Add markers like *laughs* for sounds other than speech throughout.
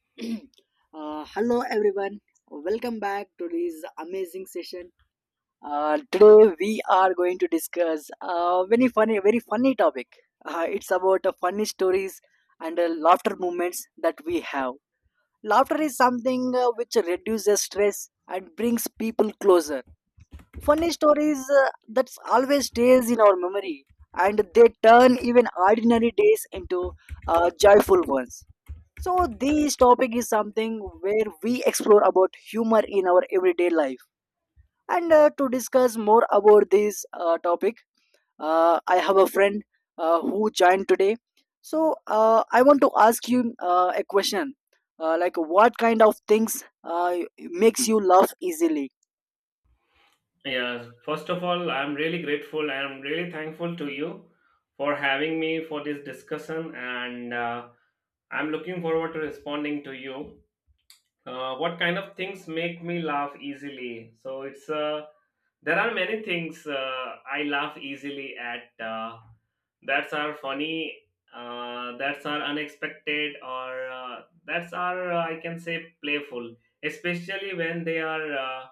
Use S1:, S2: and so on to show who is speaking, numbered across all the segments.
S1: *clears throat* Hello everyone, welcome back to this amazing session. Today we are going to discuss a very funny topic. It's about funny stories and laughter moments that we have. Laughter is something which reduces stress and brings people closer. Funny stories that always stays in our memory, and they turn even ordinary days into joyful ones. So this topic is something where we explore about humor in our everyday life. And to discuss more about this topic, I have a friend who joined today. So I want to ask you a question. Like, what kind of things makes you laugh easily?
S2: Yeah, first of all, I'm really grateful. I am really thankful to you for having me for this discussion, and I'm looking forward to responding to you. What kind of things make me laugh easily? So it's a There are many things I laugh easily at, that's are funny, that's are unexpected, or that's are, I can say, playful, especially when they are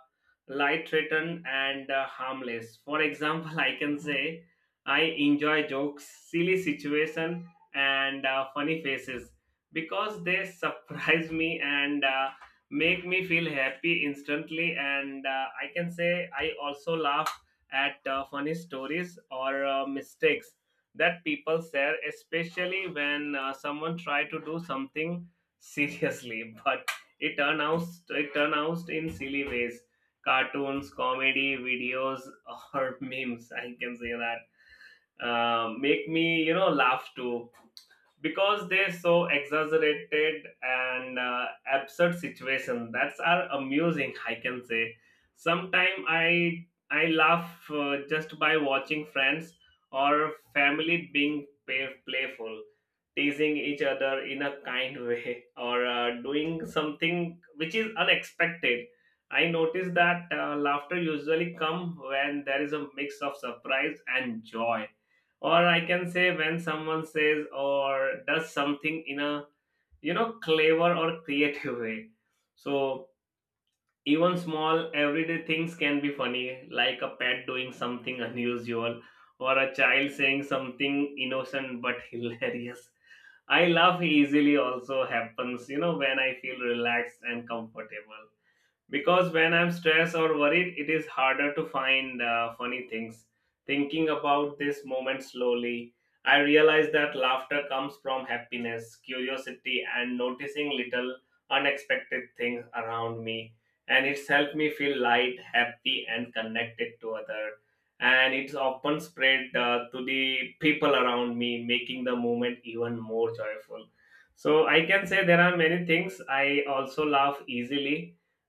S2: light written and harmless. For example, *laughs* I can say I enjoy jokes, silly situation, and funny faces because they *laughs* surprise me and make me feel happy instantly, and I can say I also laugh at funny stories or mistakes that people share, especially when someone try to do something seriously, *laughs* but it turn out it turn out in silly ways. Cartoons, comedy videos, or *laughs* memes, I can say that make me, laugh too, because they so exaggerated and absurd situation that's are amusing. I can say sometime I laugh just by watching friends or family being playful, teasing each other in a kind way, *laughs* or doing something which is unexpected. I notice that laughter usually come when there is a mix of surprise and joy, or I can say when someone says or does something in a, clever or creative way. So even small everyday things can be funny, like a pet doing something *laughs* unusual, or a child saying something innocent but *laughs* hilarious. I laugh easily also happens, when I feel relaxed and comfortable, because when I'm stressed or worried it is harder to find funny things. Thinking about this moment slowly, I realize that laughter comes from happiness, curiosity, and noticing little unexpected things around me, and it's helped me feel light, happy, and connected to other, and it's often spread to the people around me, making the moment even more joyful. So I can say there are many things I also laugh easily.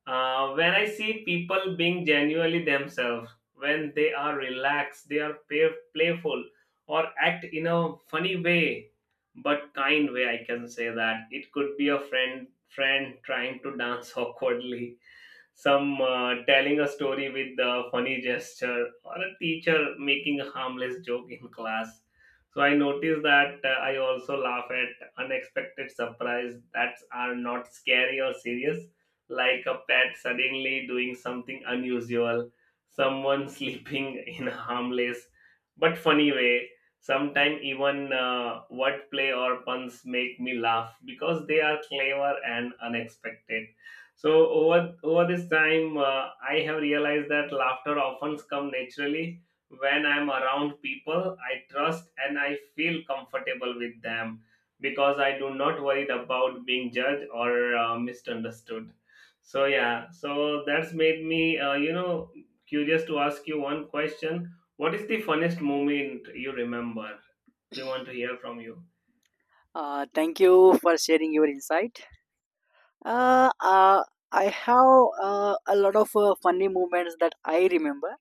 S2: When I see people being genuinely themselves, when they are relaxed, they are playful, or act in a funny way, but kind way, I can say that it could be a friend trying to dance *laughs* awkwardly, some telling a story with a funny gesture, or a teacher making a harmless joke in class. So I noticed that I also laugh at unexpected surprise that are not scary or serious, like a pet suddenly doing something unusual, someone *laughs* sleeping in a harmless but funny way. Sometimes even wordplay or puns make me laugh because they are clever and unexpected. So over this time, I have realized that laughter often comes naturally when I'm around people I trust and I feel comfortable with them, because I do not worry about being judged or misunderstood. So yeah, so that's made me, curious to ask you one question. What is the funniest moment you remember? We want to hear from you.
S1: Thank you for sharing your insight. Uh, uh, I have a lot of funny moments that I remember.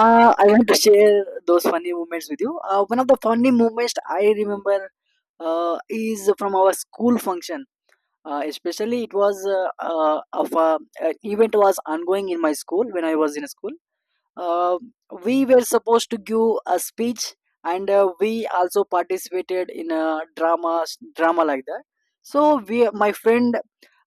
S1: I want to share those funny moments with you. One of the funny moments I remember is from our school function. Especially, it was of a, an event was ongoing in my school when I was in school. Uh, we were supposed to give a speech, and we also participated in a drama, drama like that. So we, my friend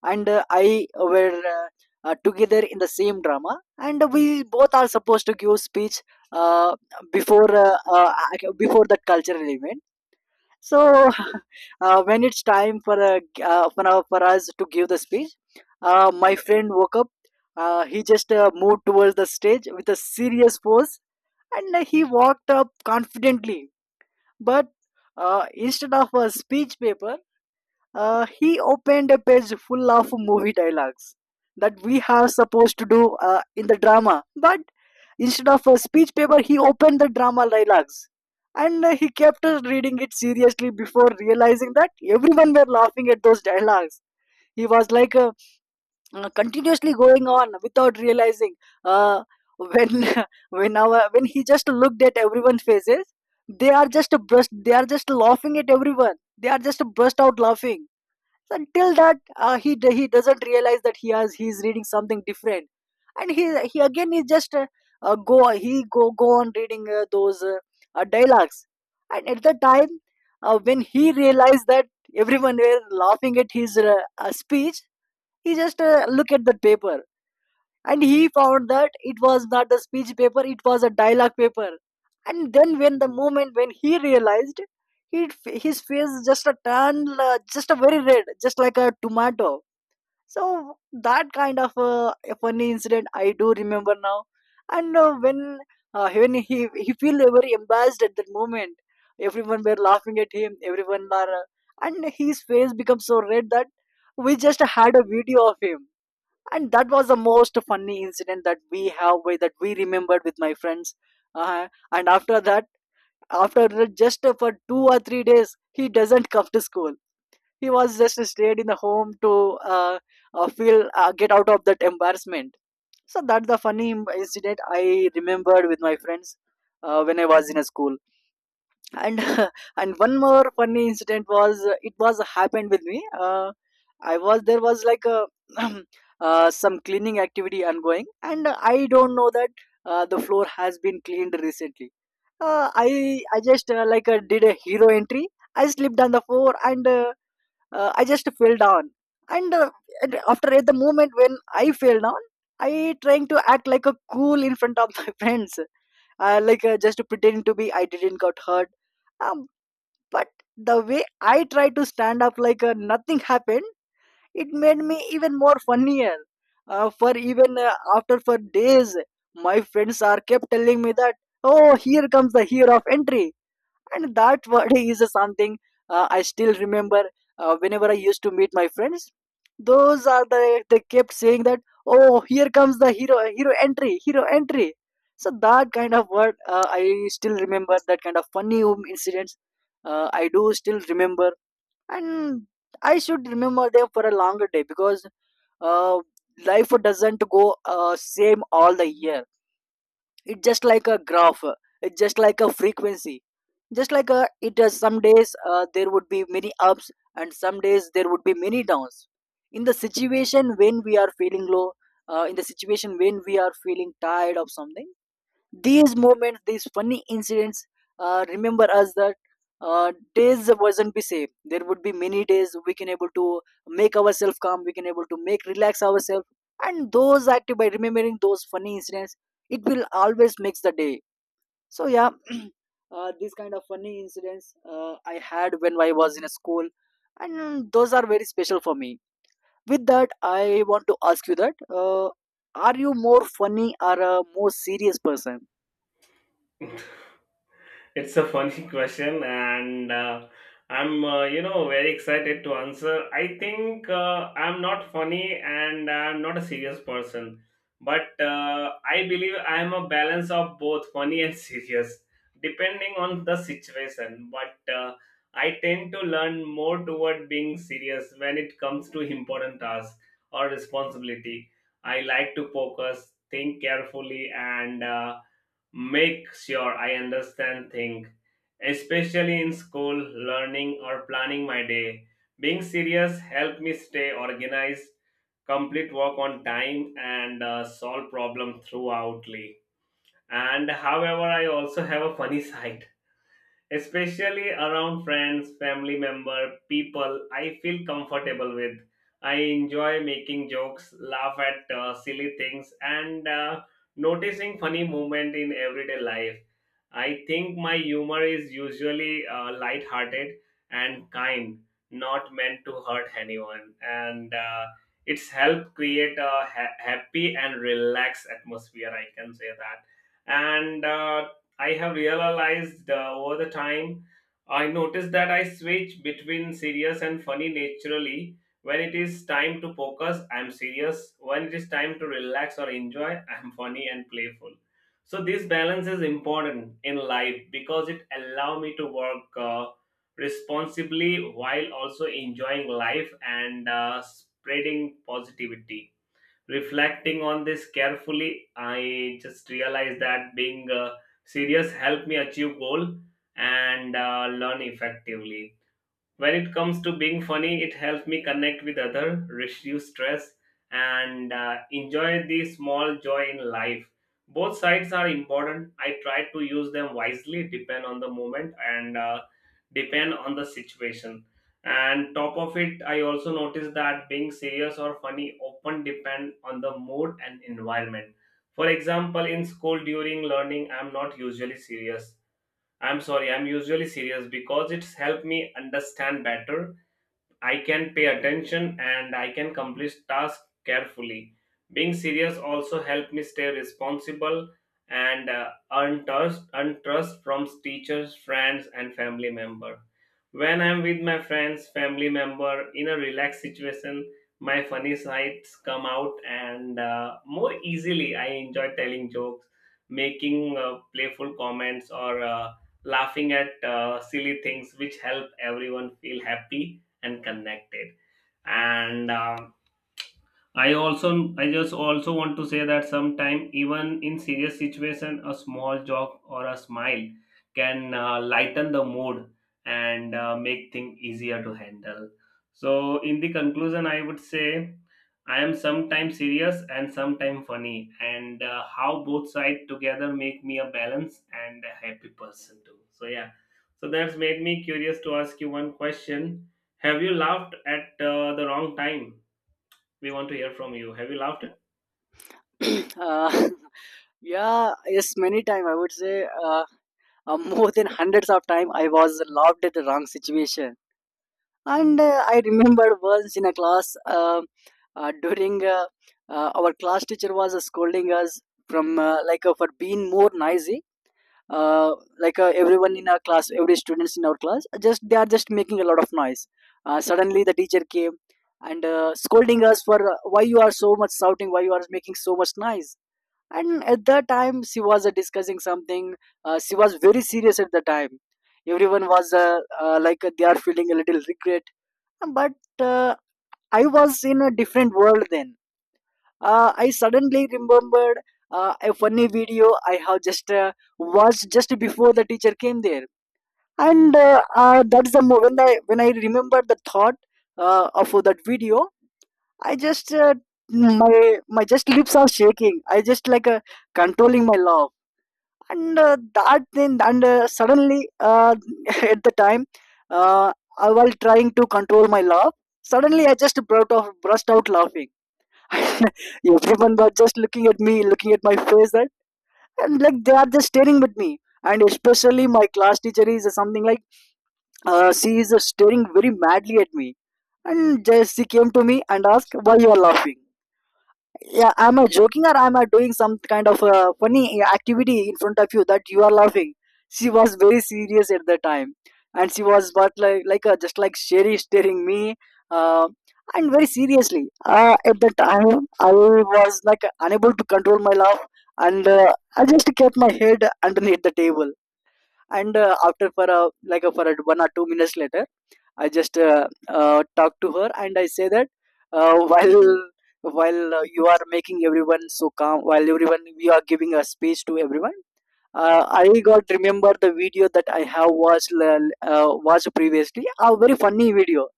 S1: and I were together in the same drama, and we both are supposed to give speech uh, before uh, uh, before that cultural event. So, *laughs* when it's time for a for us to give the speech, my friend woke up. He just moved towards the stage with a serious pose, and he walked up confidently. But instead of a speech paper, he opened a page full of movie dialogues that we are supposed to do in the drama. But instead of a speech paper, he opened the drama dialogues. And he kept reading it seriously before realizing that everyone were laughing at those dialogues. He was like continuously going on without realizing. Uh, when *laughs* when he just looked at everyone's faces, they are just brushed. They are just laughing at everyone. They are just burst out laughing until that he doesn't realize that he's reading something different. And he again he just go he go go on reading those dialogues. And at the time when he realized that everyone were laughing at his speech, he just look at the paper, and he found that it was not a speech paper, it was a dialogue paper. And then, when the moment when he realized, he, his face just a turned just a very red, just like a tomato. So that kind of a funny incident I do remember now. And when he feel very embarrassed at that moment, everyone were laughing at him, everyone were and his face become so red that we just had a video of him. And that was the most funny incident that we have, with that we remembered with my friends. And after that, just for 2 or 3 days he doesn't come to school. He was just stayed in the home to uh, feel get out of that embarrassment. So that's the funny incident I remembered with my friends when I was in a school. And *laughs* and one more funny incident was, it was happened with me. I was, there was like a *clears throat* some cleaning activity ongoing, and I don't know that the floor has been cleaned recently. uh, i I just like did a hero entry. I slipped on the floor and I just fell down. And, and after, at the moment when I fell down, I trying to act like a cool in front of my *laughs* friends, like just pretending to be I didn't got hurt. Um, but the way I tried to stand up like nothing happened, it made me even more funnier. For even after for days, my friends are kept telling me that, oh, here comes the hero of entry. And that word *laughs* is something I still remember. Whenever I used to meet my friends, those are the, they kept saying that, oh, here comes the hero entry. So that kind of word I still remember that kind of funny incidents I do still remember. And I should remember them for a longer day, because uh, life doesn't go same all the year. It's just like a graph, it's just like a frequency, just like a, it does some days there would be many ups and some days there would be many downs. In the situation when we are feeling low, in the situation when we are feeling tired of something, these moments, these funny incidents, remember us that days wasn't be same. There would be many days we can able to make ourselves calm. We can able to make relax ourselves, and those active by remembering those funny incidents, it will always makes the day. So yeah, these kind of funny incidents I had when I was in a school, and those are very special for me. With that, I want to ask you that are you more funny or a more serious person?
S2: *laughs* It's a funny *laughs* question, and I'm, very excited to answer. I think I'm not funny and I'm not a serious person, but I believe I'm a balance of both funny and *laughs* serious, depending on the situation. But I tend to learn more toward being serious when it comes to important tasks or responsibility. I like to focus, think carefully, and make sure I understand things, especially in school, learning, or planning my day. Being serious help me stay organized, complete work on time, and solve problem throughoutly. And however, I also have a funny *laughs* side, especially around friends, family member, people I feel comfortable with. I enjoy making jokes, laugh at silly things, and noticing funny movement in everyday life. I think my humor is usually light-hearted and kind, not meant to hurt anyone, and it's helped create a happy and relaxed atmosphere. I can say that. And I have realized over the time, I noticed that I switch between serious and funny naturally. When it is time to focus, I'm serious. When it is time to relax or enjoy, *laughs* I'm funny and playful. So this balance is important in life because it allow me to work responsibly while also enjoying life and spreading positivity. Reflecting on this carefully, I just realized that being serious helped me achieve goal and learn effectively. When it comes to being funny, it helps me connect with other, reduce stress, and enjoy the small joy in life. Both sides are important. I try to use them wisely, depend on the moment and depend on the situation. And top of it, I also noticed that being serious or funny often depend on the mood and environment. For example, in school during learning, I'm not usually serious. I'm sorry, I'm usually serious because it's helped me understand better. I can pay attention and I can complete tasks carefully. Being serious also helped me stay responsible and earn trust, earn trust from teachers, friends, and family member. When I'm with my friends, family member in a relaxed situation, my funny sides come out and more easily. I enjoy telling jokes, making playful comments, or laughing at silly things, which help everyone feel happy and connected. And I also, I just also want to say that sometimes even in serious situation, a small joke or a smile can lighten the mood and make things easier to handle. So in the conclusion, I would say I am sometimes serious and sometimes funny, and how both sides together make me a balanced and a happy person too. So yeah. So that's made me curious to ask you one question. Have you laughed at the wrong time? We want to hear from you. Have you loved it?
S1: *clears throat* uh, *laughs* yeah, yes, many time I would say uh, more than hundreds of time I was loved at the wrong situation. And I remember, once in a class, um during our class teacher was scolding us from like for being more noisy. uh, like everyone in our class, every students in our class, just they are just making a lot of noise. Suddenly the teacher came and scolding us for why you are so much shouting, why you are making so much noise. And at that time she was discussing something. She was very serious at the time. Everyone was like they are feeling a little regret. But I was in a different world then. I suddenly remembered a funny video I have just watched just before the teacher came there. And that's the moment when I remember the thought of that video. I just my my just lips are shaking. I just like controlling my laugh. And that then, and suddenly *laughs* at the time while trying to control my laugh, suddenly I just burst out laughing. *laughs* Everyone was just looking at me, looking at my face that, and like they are just staring at me. And especially my class teacher is something like, she is staring very madly at me. And just she came to me and asked, why you are laughing? Yeah, am I joking, or am I doing some kind of funny activity in front of you that you are laughing? She was very serious at the time. And she was, but just like sherry staring me. uh, and very seriously, at the time I was like unable to control my laugh. And I just kept my head underneath the table. And after for a, like a, for a, 1 or 2 minutes later, I just talk to her, and I say that while you are making everyone so calm, while everyone we are giving a speech to everyone. I got remember the video that I have watched previously, a very funny video.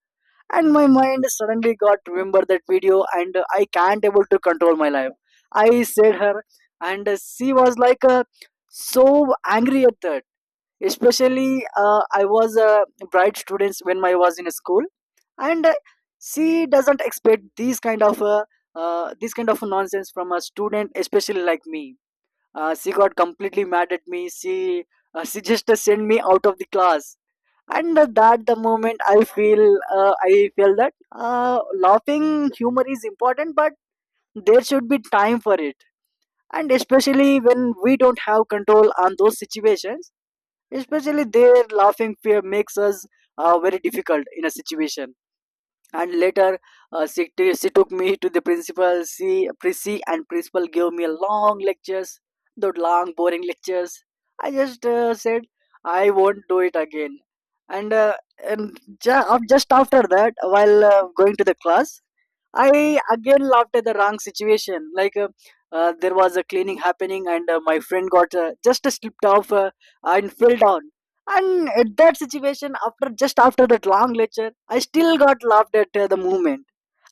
S1: And my mind suddenly got remember that video, and I can't able to control my life. I said her, and she was like so angry at that. Especially, I was a bright students when I was in school and she doesn't expect these kind of this kind of nonsense from a student especially like me. She got completely mad at me. She just sent me out of the class, and that the moment I feel that laughing humor is important, but there should be time for it, and especially when we don't have control on those situations, especially their laughing fear makes us very difficult in a situation. And later, she took me to the principal. She and principal gave me a long lectures, the long boring lectures. I just said I won't do it again. And uh, and ju- af- just after that, while going to the class, I again laughed at the wrong situation. Like, there was a cleaning happening, and my friend got just slipped off and fell down. And at that situation, after just after that long lecture, I still got laughed at the moment,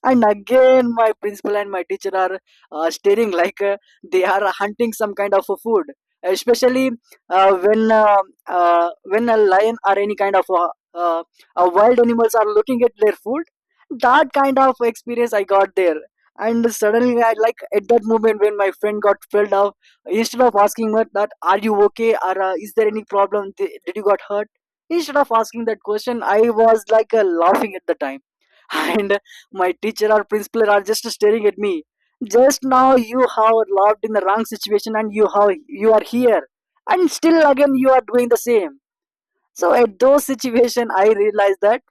S1: and again my principal and my teacher are staring like they are hunting some kind of a food, especially uh, when uh, when a lion or any kind of wild animals are looking at their food. That kind of experience I got there. And suddenly, I, at that moment when my friend got filled up, instead of asking her that are you okay, or is there any problem, did you got hurt, instead of asking that question, I was like laughing at the time. And my teacher or principal are just staring at me. Just now you have loved in the wrong situation, and you have, you are here, and still again you are doing the same. So at those situation, I realized that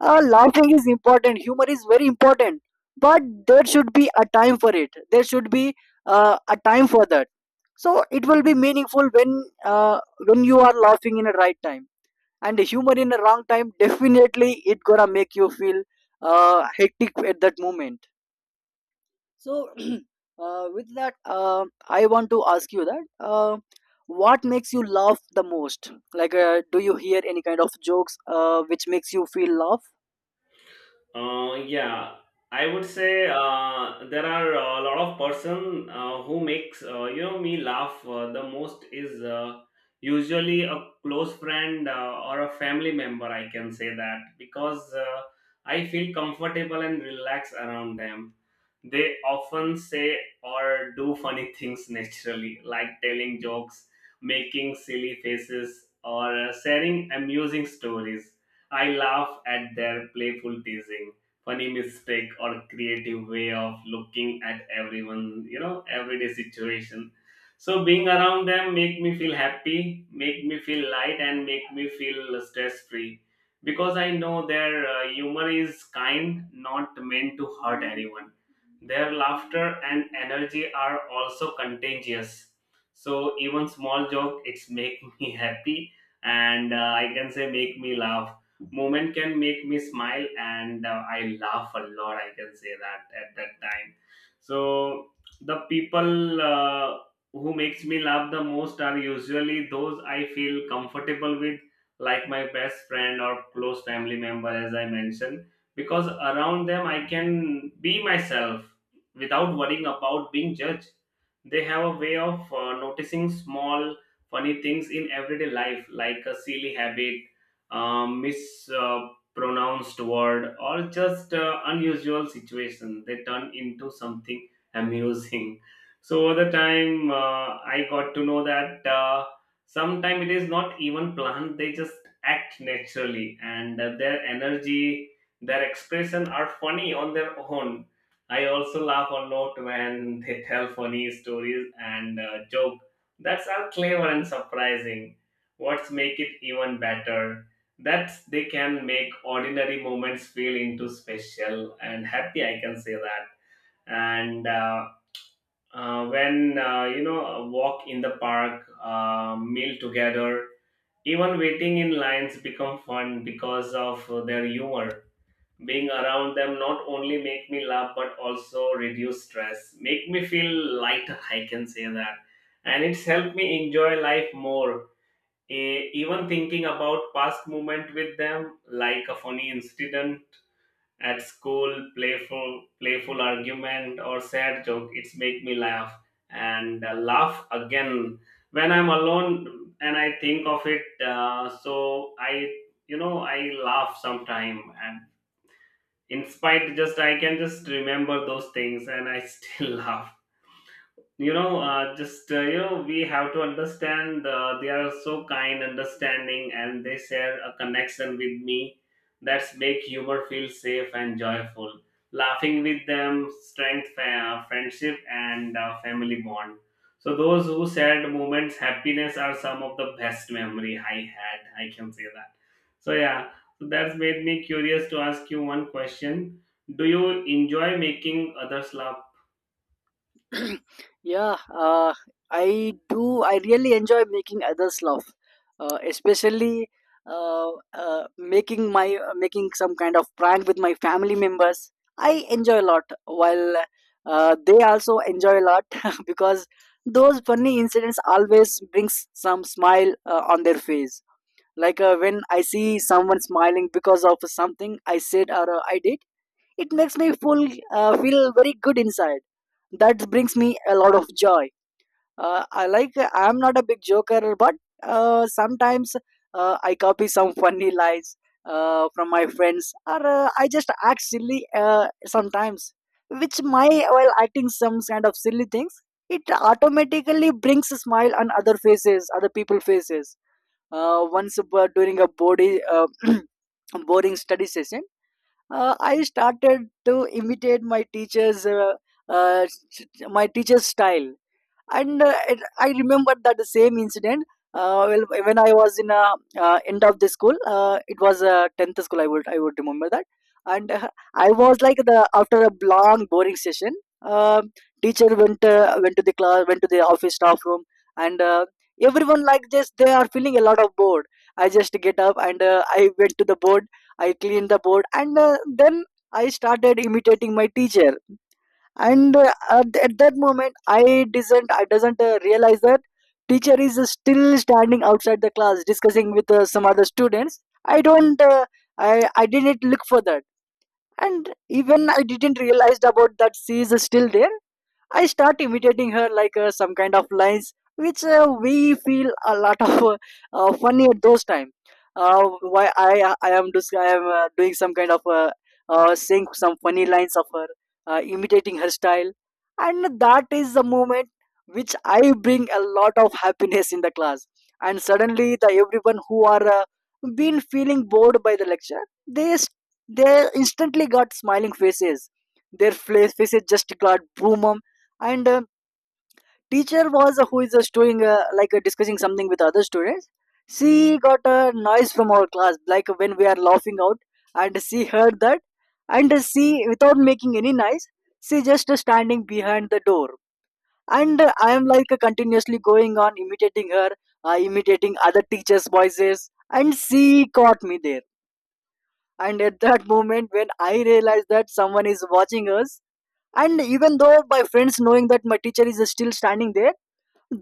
S1: laughing is important, humor is very important, but there should be a time for it, there should be a time for that. So it will be meaningful uh, when you are laughing in a right time, and humor in a wrong time definitely it gonna make you feel hectic at that moment. So *clears throat* with that, I want to ask you that what makes you laugh the most? Like do you hear any kind of jokes which makes you feel laugh?
S2: Yeah, I would say there are a lot of person who makes, me laugh the most is usually a close friend or a family member. I can say that because I feel comfortable and relaxed around them. They often say or do funny *laughs* things naturally, like telling jokes, making silly faces, or sharing amusing stories. I laugh at their playful teasing, funny mistake, or creative way of looking at everyone, everyday situation. So being around them make me feel happy, make me feel light, and make me feel stress free, because I know their humor is kind, not meant to hurt anyone. Their laughter and energy are also contagious. So even small joke, it's make *laughs* me happy, and I can say make me laugh. Moment can make me smile and I laugh a lot, I can say that at that time. So the people who makes me laugh the most are usually those I feel comfortable with, like my best friend or close family member, as I mentioned, because around them I can be myself without worrying about being judged. They have a way of noticing small funny things in everyday life, like a silly habit, mispronounced word, or just unusual situation. They turn into something amusing. So over the time, I got to know that sometimes it is not even planned. They just act naturally, and their energy, their expression are funny on their own. I also laugh a lot when *laughs* they tell funny stories and joke. That's are clever and surprising. What's make it even better? That they can make ordinary moments feel into special and happy, I can say that. And when, a walk in the park, meal together, even waiting in lines become fun because of their humor. Being around them not only make me laugh but also reduce stress, make me feel lighter, I can say that, and it's helped me enjoy life more. Even thinking about past moment with them, like a funny incident at school, playful argument or sad joke, it's make me laugh and laugh again when I'm alone and I think of it. So I, I laugh sometime, and in spite, just I can just remember those things and I still *laughs* laugh, you know just you know we have to understand they are so kind, understanding, and they share a connection with me. That's make humor feel safe and joyful. Laughing with them strength friendship and family bond. So those who shared moments happiness are some of the best memory I had, I can say that. So yeah, so that's made me curious to ask you one question. Do you enjoy making others laugh?
S1: *clears throat* Yeah, I do. I really enjoy making others laugh, especially making my, making some kind of prank with my family members. I enjoy a lot, while they also enjoy a lot, *laughs* because those funny incidents always brings some smile on their face. Like when I see someone smiling because of something I said, or I did, it makes me full feel very good inside, that brings me a lot of joy. I like, I'm not a big joker, but sometimes I copy some funny lies from my friends, or I just act silly sometimes. Which my, while acting some kind of silly things, it automatically brings a smile on other faces, other people faces. Once during a body *clears throat* boring study session, I started to imitate uh, my teacher's style. And I remember that the same incident. Well, when I was in end of the school, it was 10th school, I would, I would remember that. And I was like, the after a long boring session, um, teacher went, went to the class, went to the office staff room, and everyone like just they are feeling a lot of bored. I just get up and I went to the board, I cleaned the board, and then I started imitating my teacher. And at that moment I did not, I doesn't realize that teacher is still standing outside the class discussing with some other students. I don't , I didn't look for that. And even I didn't realize about that she is still there. I start imitating her like some kind of lines, which we feel a lot of funny at those time. Why I am dis- I am doing some kind of saying some funny lines of her, imitating her style, and that is the moment which I bring a lot of happiness in the class. And suddenly, the everyone who are been feeling bored by the lecture, they instantly got smiling faces. Their faces just got boom. And um, teacher was who is just doing discussing something with other students, she got a noise from our class like when we are laughing out, and she heard that. And she, without making any noise, she just standing behind the door. And I am like continuously going on imitating her, imitating other teachers voices, and she caught me there. And at that moment when I realized that someone is watching us, and even though my friends knowing that my teacher is still standing there,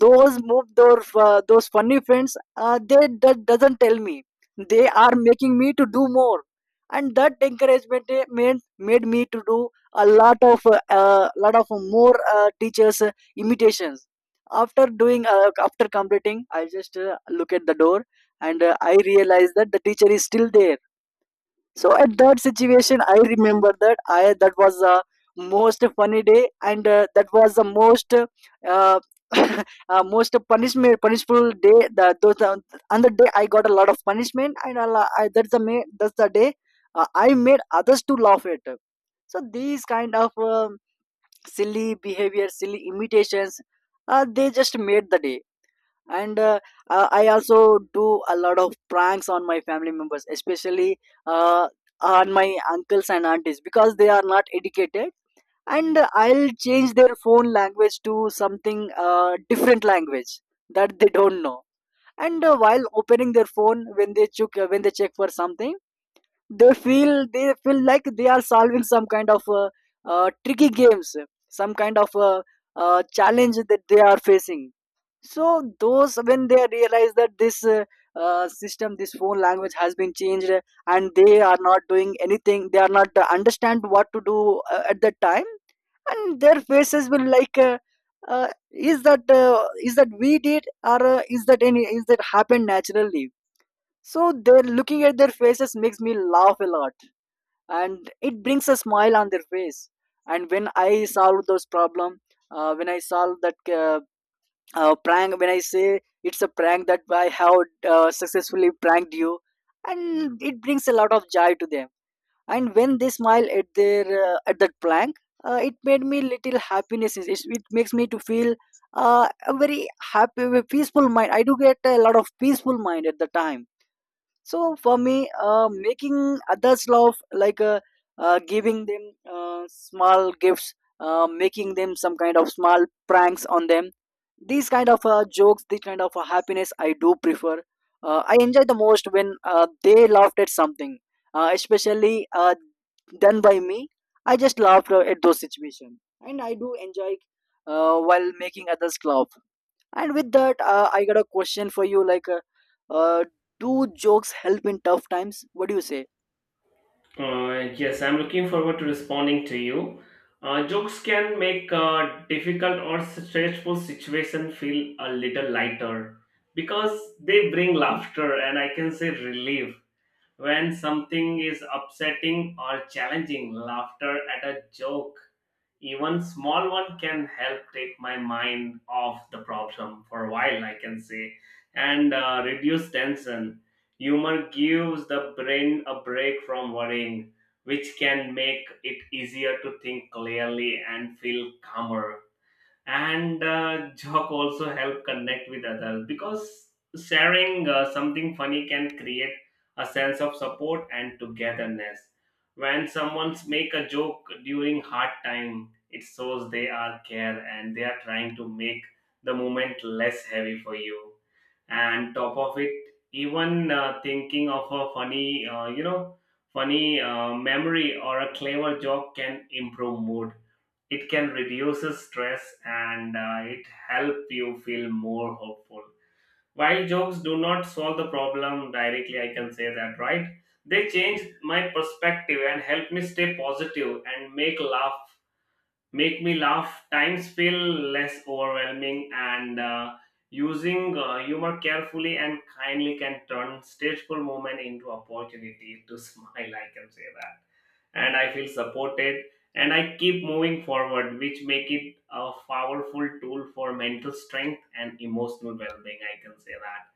S1: those move those funny friends, they, that doesn't tell me, they are making me to do more. And that encouragement, made me to do a lot of more teachers imitations. After doing, after completing, I just look at the door, and I realize that the teacher is still there. So at that situation, I remember that, I, that was the most funny day, and that was the most *laughs* most punishment punishful day. The those On the day I got a lot of punishment, and I, that's the day I made others to laugh at. So these kind of, um, silly behavior, silly imitations, they just made the day. And I also do a lot of pranks on my family members, especially uh, on my uncles and aunties, because they are not educated. And I'll change their phone language to something different language that they don't know. And while opening their phone, when they check for something, they feel like they are solving some kind of tricky games, some kind of challenge that they are facing. So those, when they realize that this system, this phone language has been changed, and they are not doing anything, they are not understand what to do at that time, and their faces will like, is that, is that we did, or is that any, is that happened naturally. So they're looking at their faces makes me laugh a lot, and it brings a smile on their face. And when I solve those problem, when I solve that prank, when I say it's a prank that I have successfully pranked you, and it brings a lot of joy to them. And when they smile at their at that prank, it made me little happiness. It makes me to feel a very happy, a peaceful mind. I do get a lot of peaceful mind at the time. So for me, making others laugh, like giving them small gifts, making them some kind of small pranks on them, these kind of jokes, these kind of happiness I do prefer. I enjoy the most when they laughed at something, especially done by me. I just laughed at those situations, and I do enjoy while making others laugh. And with that, I got a question for you. Like, uh, do jokes help in tough times? What do you say?
S2: Yes, I'm looking forward to responding to you. Jokes can make difficult or stressful situation feel a little lighter, because they bring laughter and I can say relief. When something is upsetting or challenging, laughter at a joke, even small one, can help take my mind off the problem for a while, I can say, and reduce tension. Humor gives the brain a break from worrying, which can make it easier to think clearly and feel calmer. And joke also help connect with others, because sharing something funny can create a sense of support and togetherness. When someone make a joke during hard time, it shows they are care and they are trying to make the moment less heavy for you. And top of it, even thinking of a funny, funny memory or a clever joke can improve mood. It can reduce stress, and it help you feel more hopeful. While jokes do not solve the problem directly, I can say that, right, they change my perspective and help me stay positive and make laugh, make me laugh times feel less overwhelming. And using humor carefully and kindly can turn stressful moment into opportunity to *laughs* smile, I can say that, and I feel supported and I keep moving forward, which make it a powerful tool for mental strength and emotional well-being. I can say that.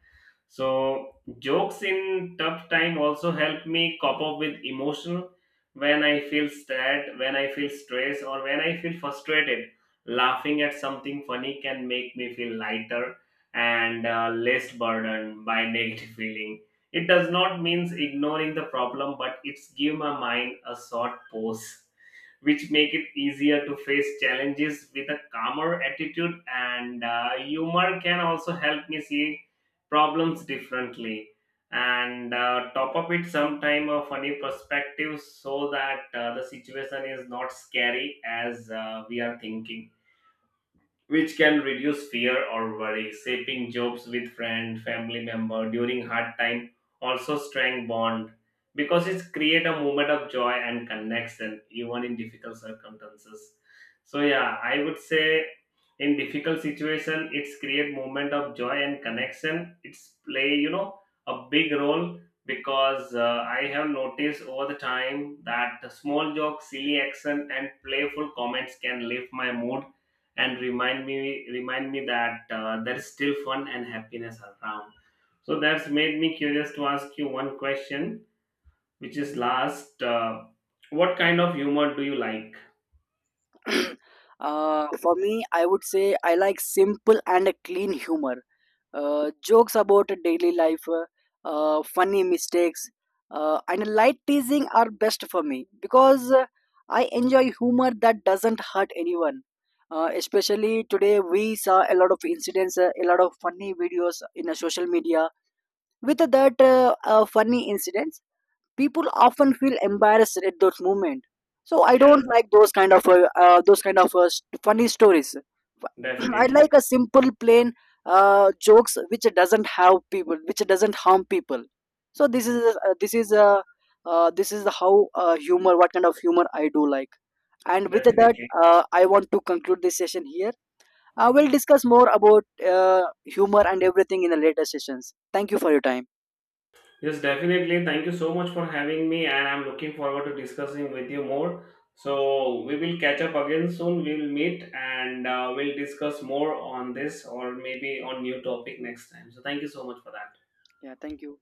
S2: So jokes in tough time also help me cope up with emotion when I feel sad, when I feel stressed, or when I feel frustrated. Laughing at something funny can make me feel lighter and less burdened by *laughs* negative feeling. It does not means ignoring the problem, but it's give my mind a short pause, which make it easier to face challenges with a calmer attitude. And humor can also help me see problems differently, and top up it some time of a new perspective, so that the situation is not scary as we are thinking, which can reduce fear or worry. Shaping jokes with friend, family member during hard time also strength bond, because it create a moment of joy and connection even in difficult circumstances. So yeah, I would say in difficult situation, it's create moment of joy and connection. It's play, a big role, because I have noticed over the time that the small jokes, silly action, and playful comments can lift my mood and remind me that there's still fun and happiness around. So that's made me curious to ask you one question, which is last. What kind of humor do you like?
S1: For me, I would say I like simple and a clean humor. Jokes about daily life, funny mistakes, and light teasing are best for me, because I enjoy humor that doesn't hurt anyone. Especially today, we saw a lot of incidents, a lot of funny videos in social media. With that funny incidents, people often feel embarrassed at those moments. So I
S2: Yes,
S1: don't like those kind of funny stories. *clears throat* I
S2: definitely.
S1: like a simple plain jokes which doesn't have people, which doesn't harm people. So this is this is how humor, what kind of humor I do like. And with that,
S2: Definitely.
S1: I want to conclude this session here. I will discuss more about humor and everything in the later sessions. Thank you for your time.
S2: Yes, definitely. Thank you so much for having me, and I'm looking forward to discussing with you more. So, we will catch up again soon. We will meet and we'll discuss more on this, or maybe on new topic next time. So, thank you so much for that.
S1: Yeah, thank you.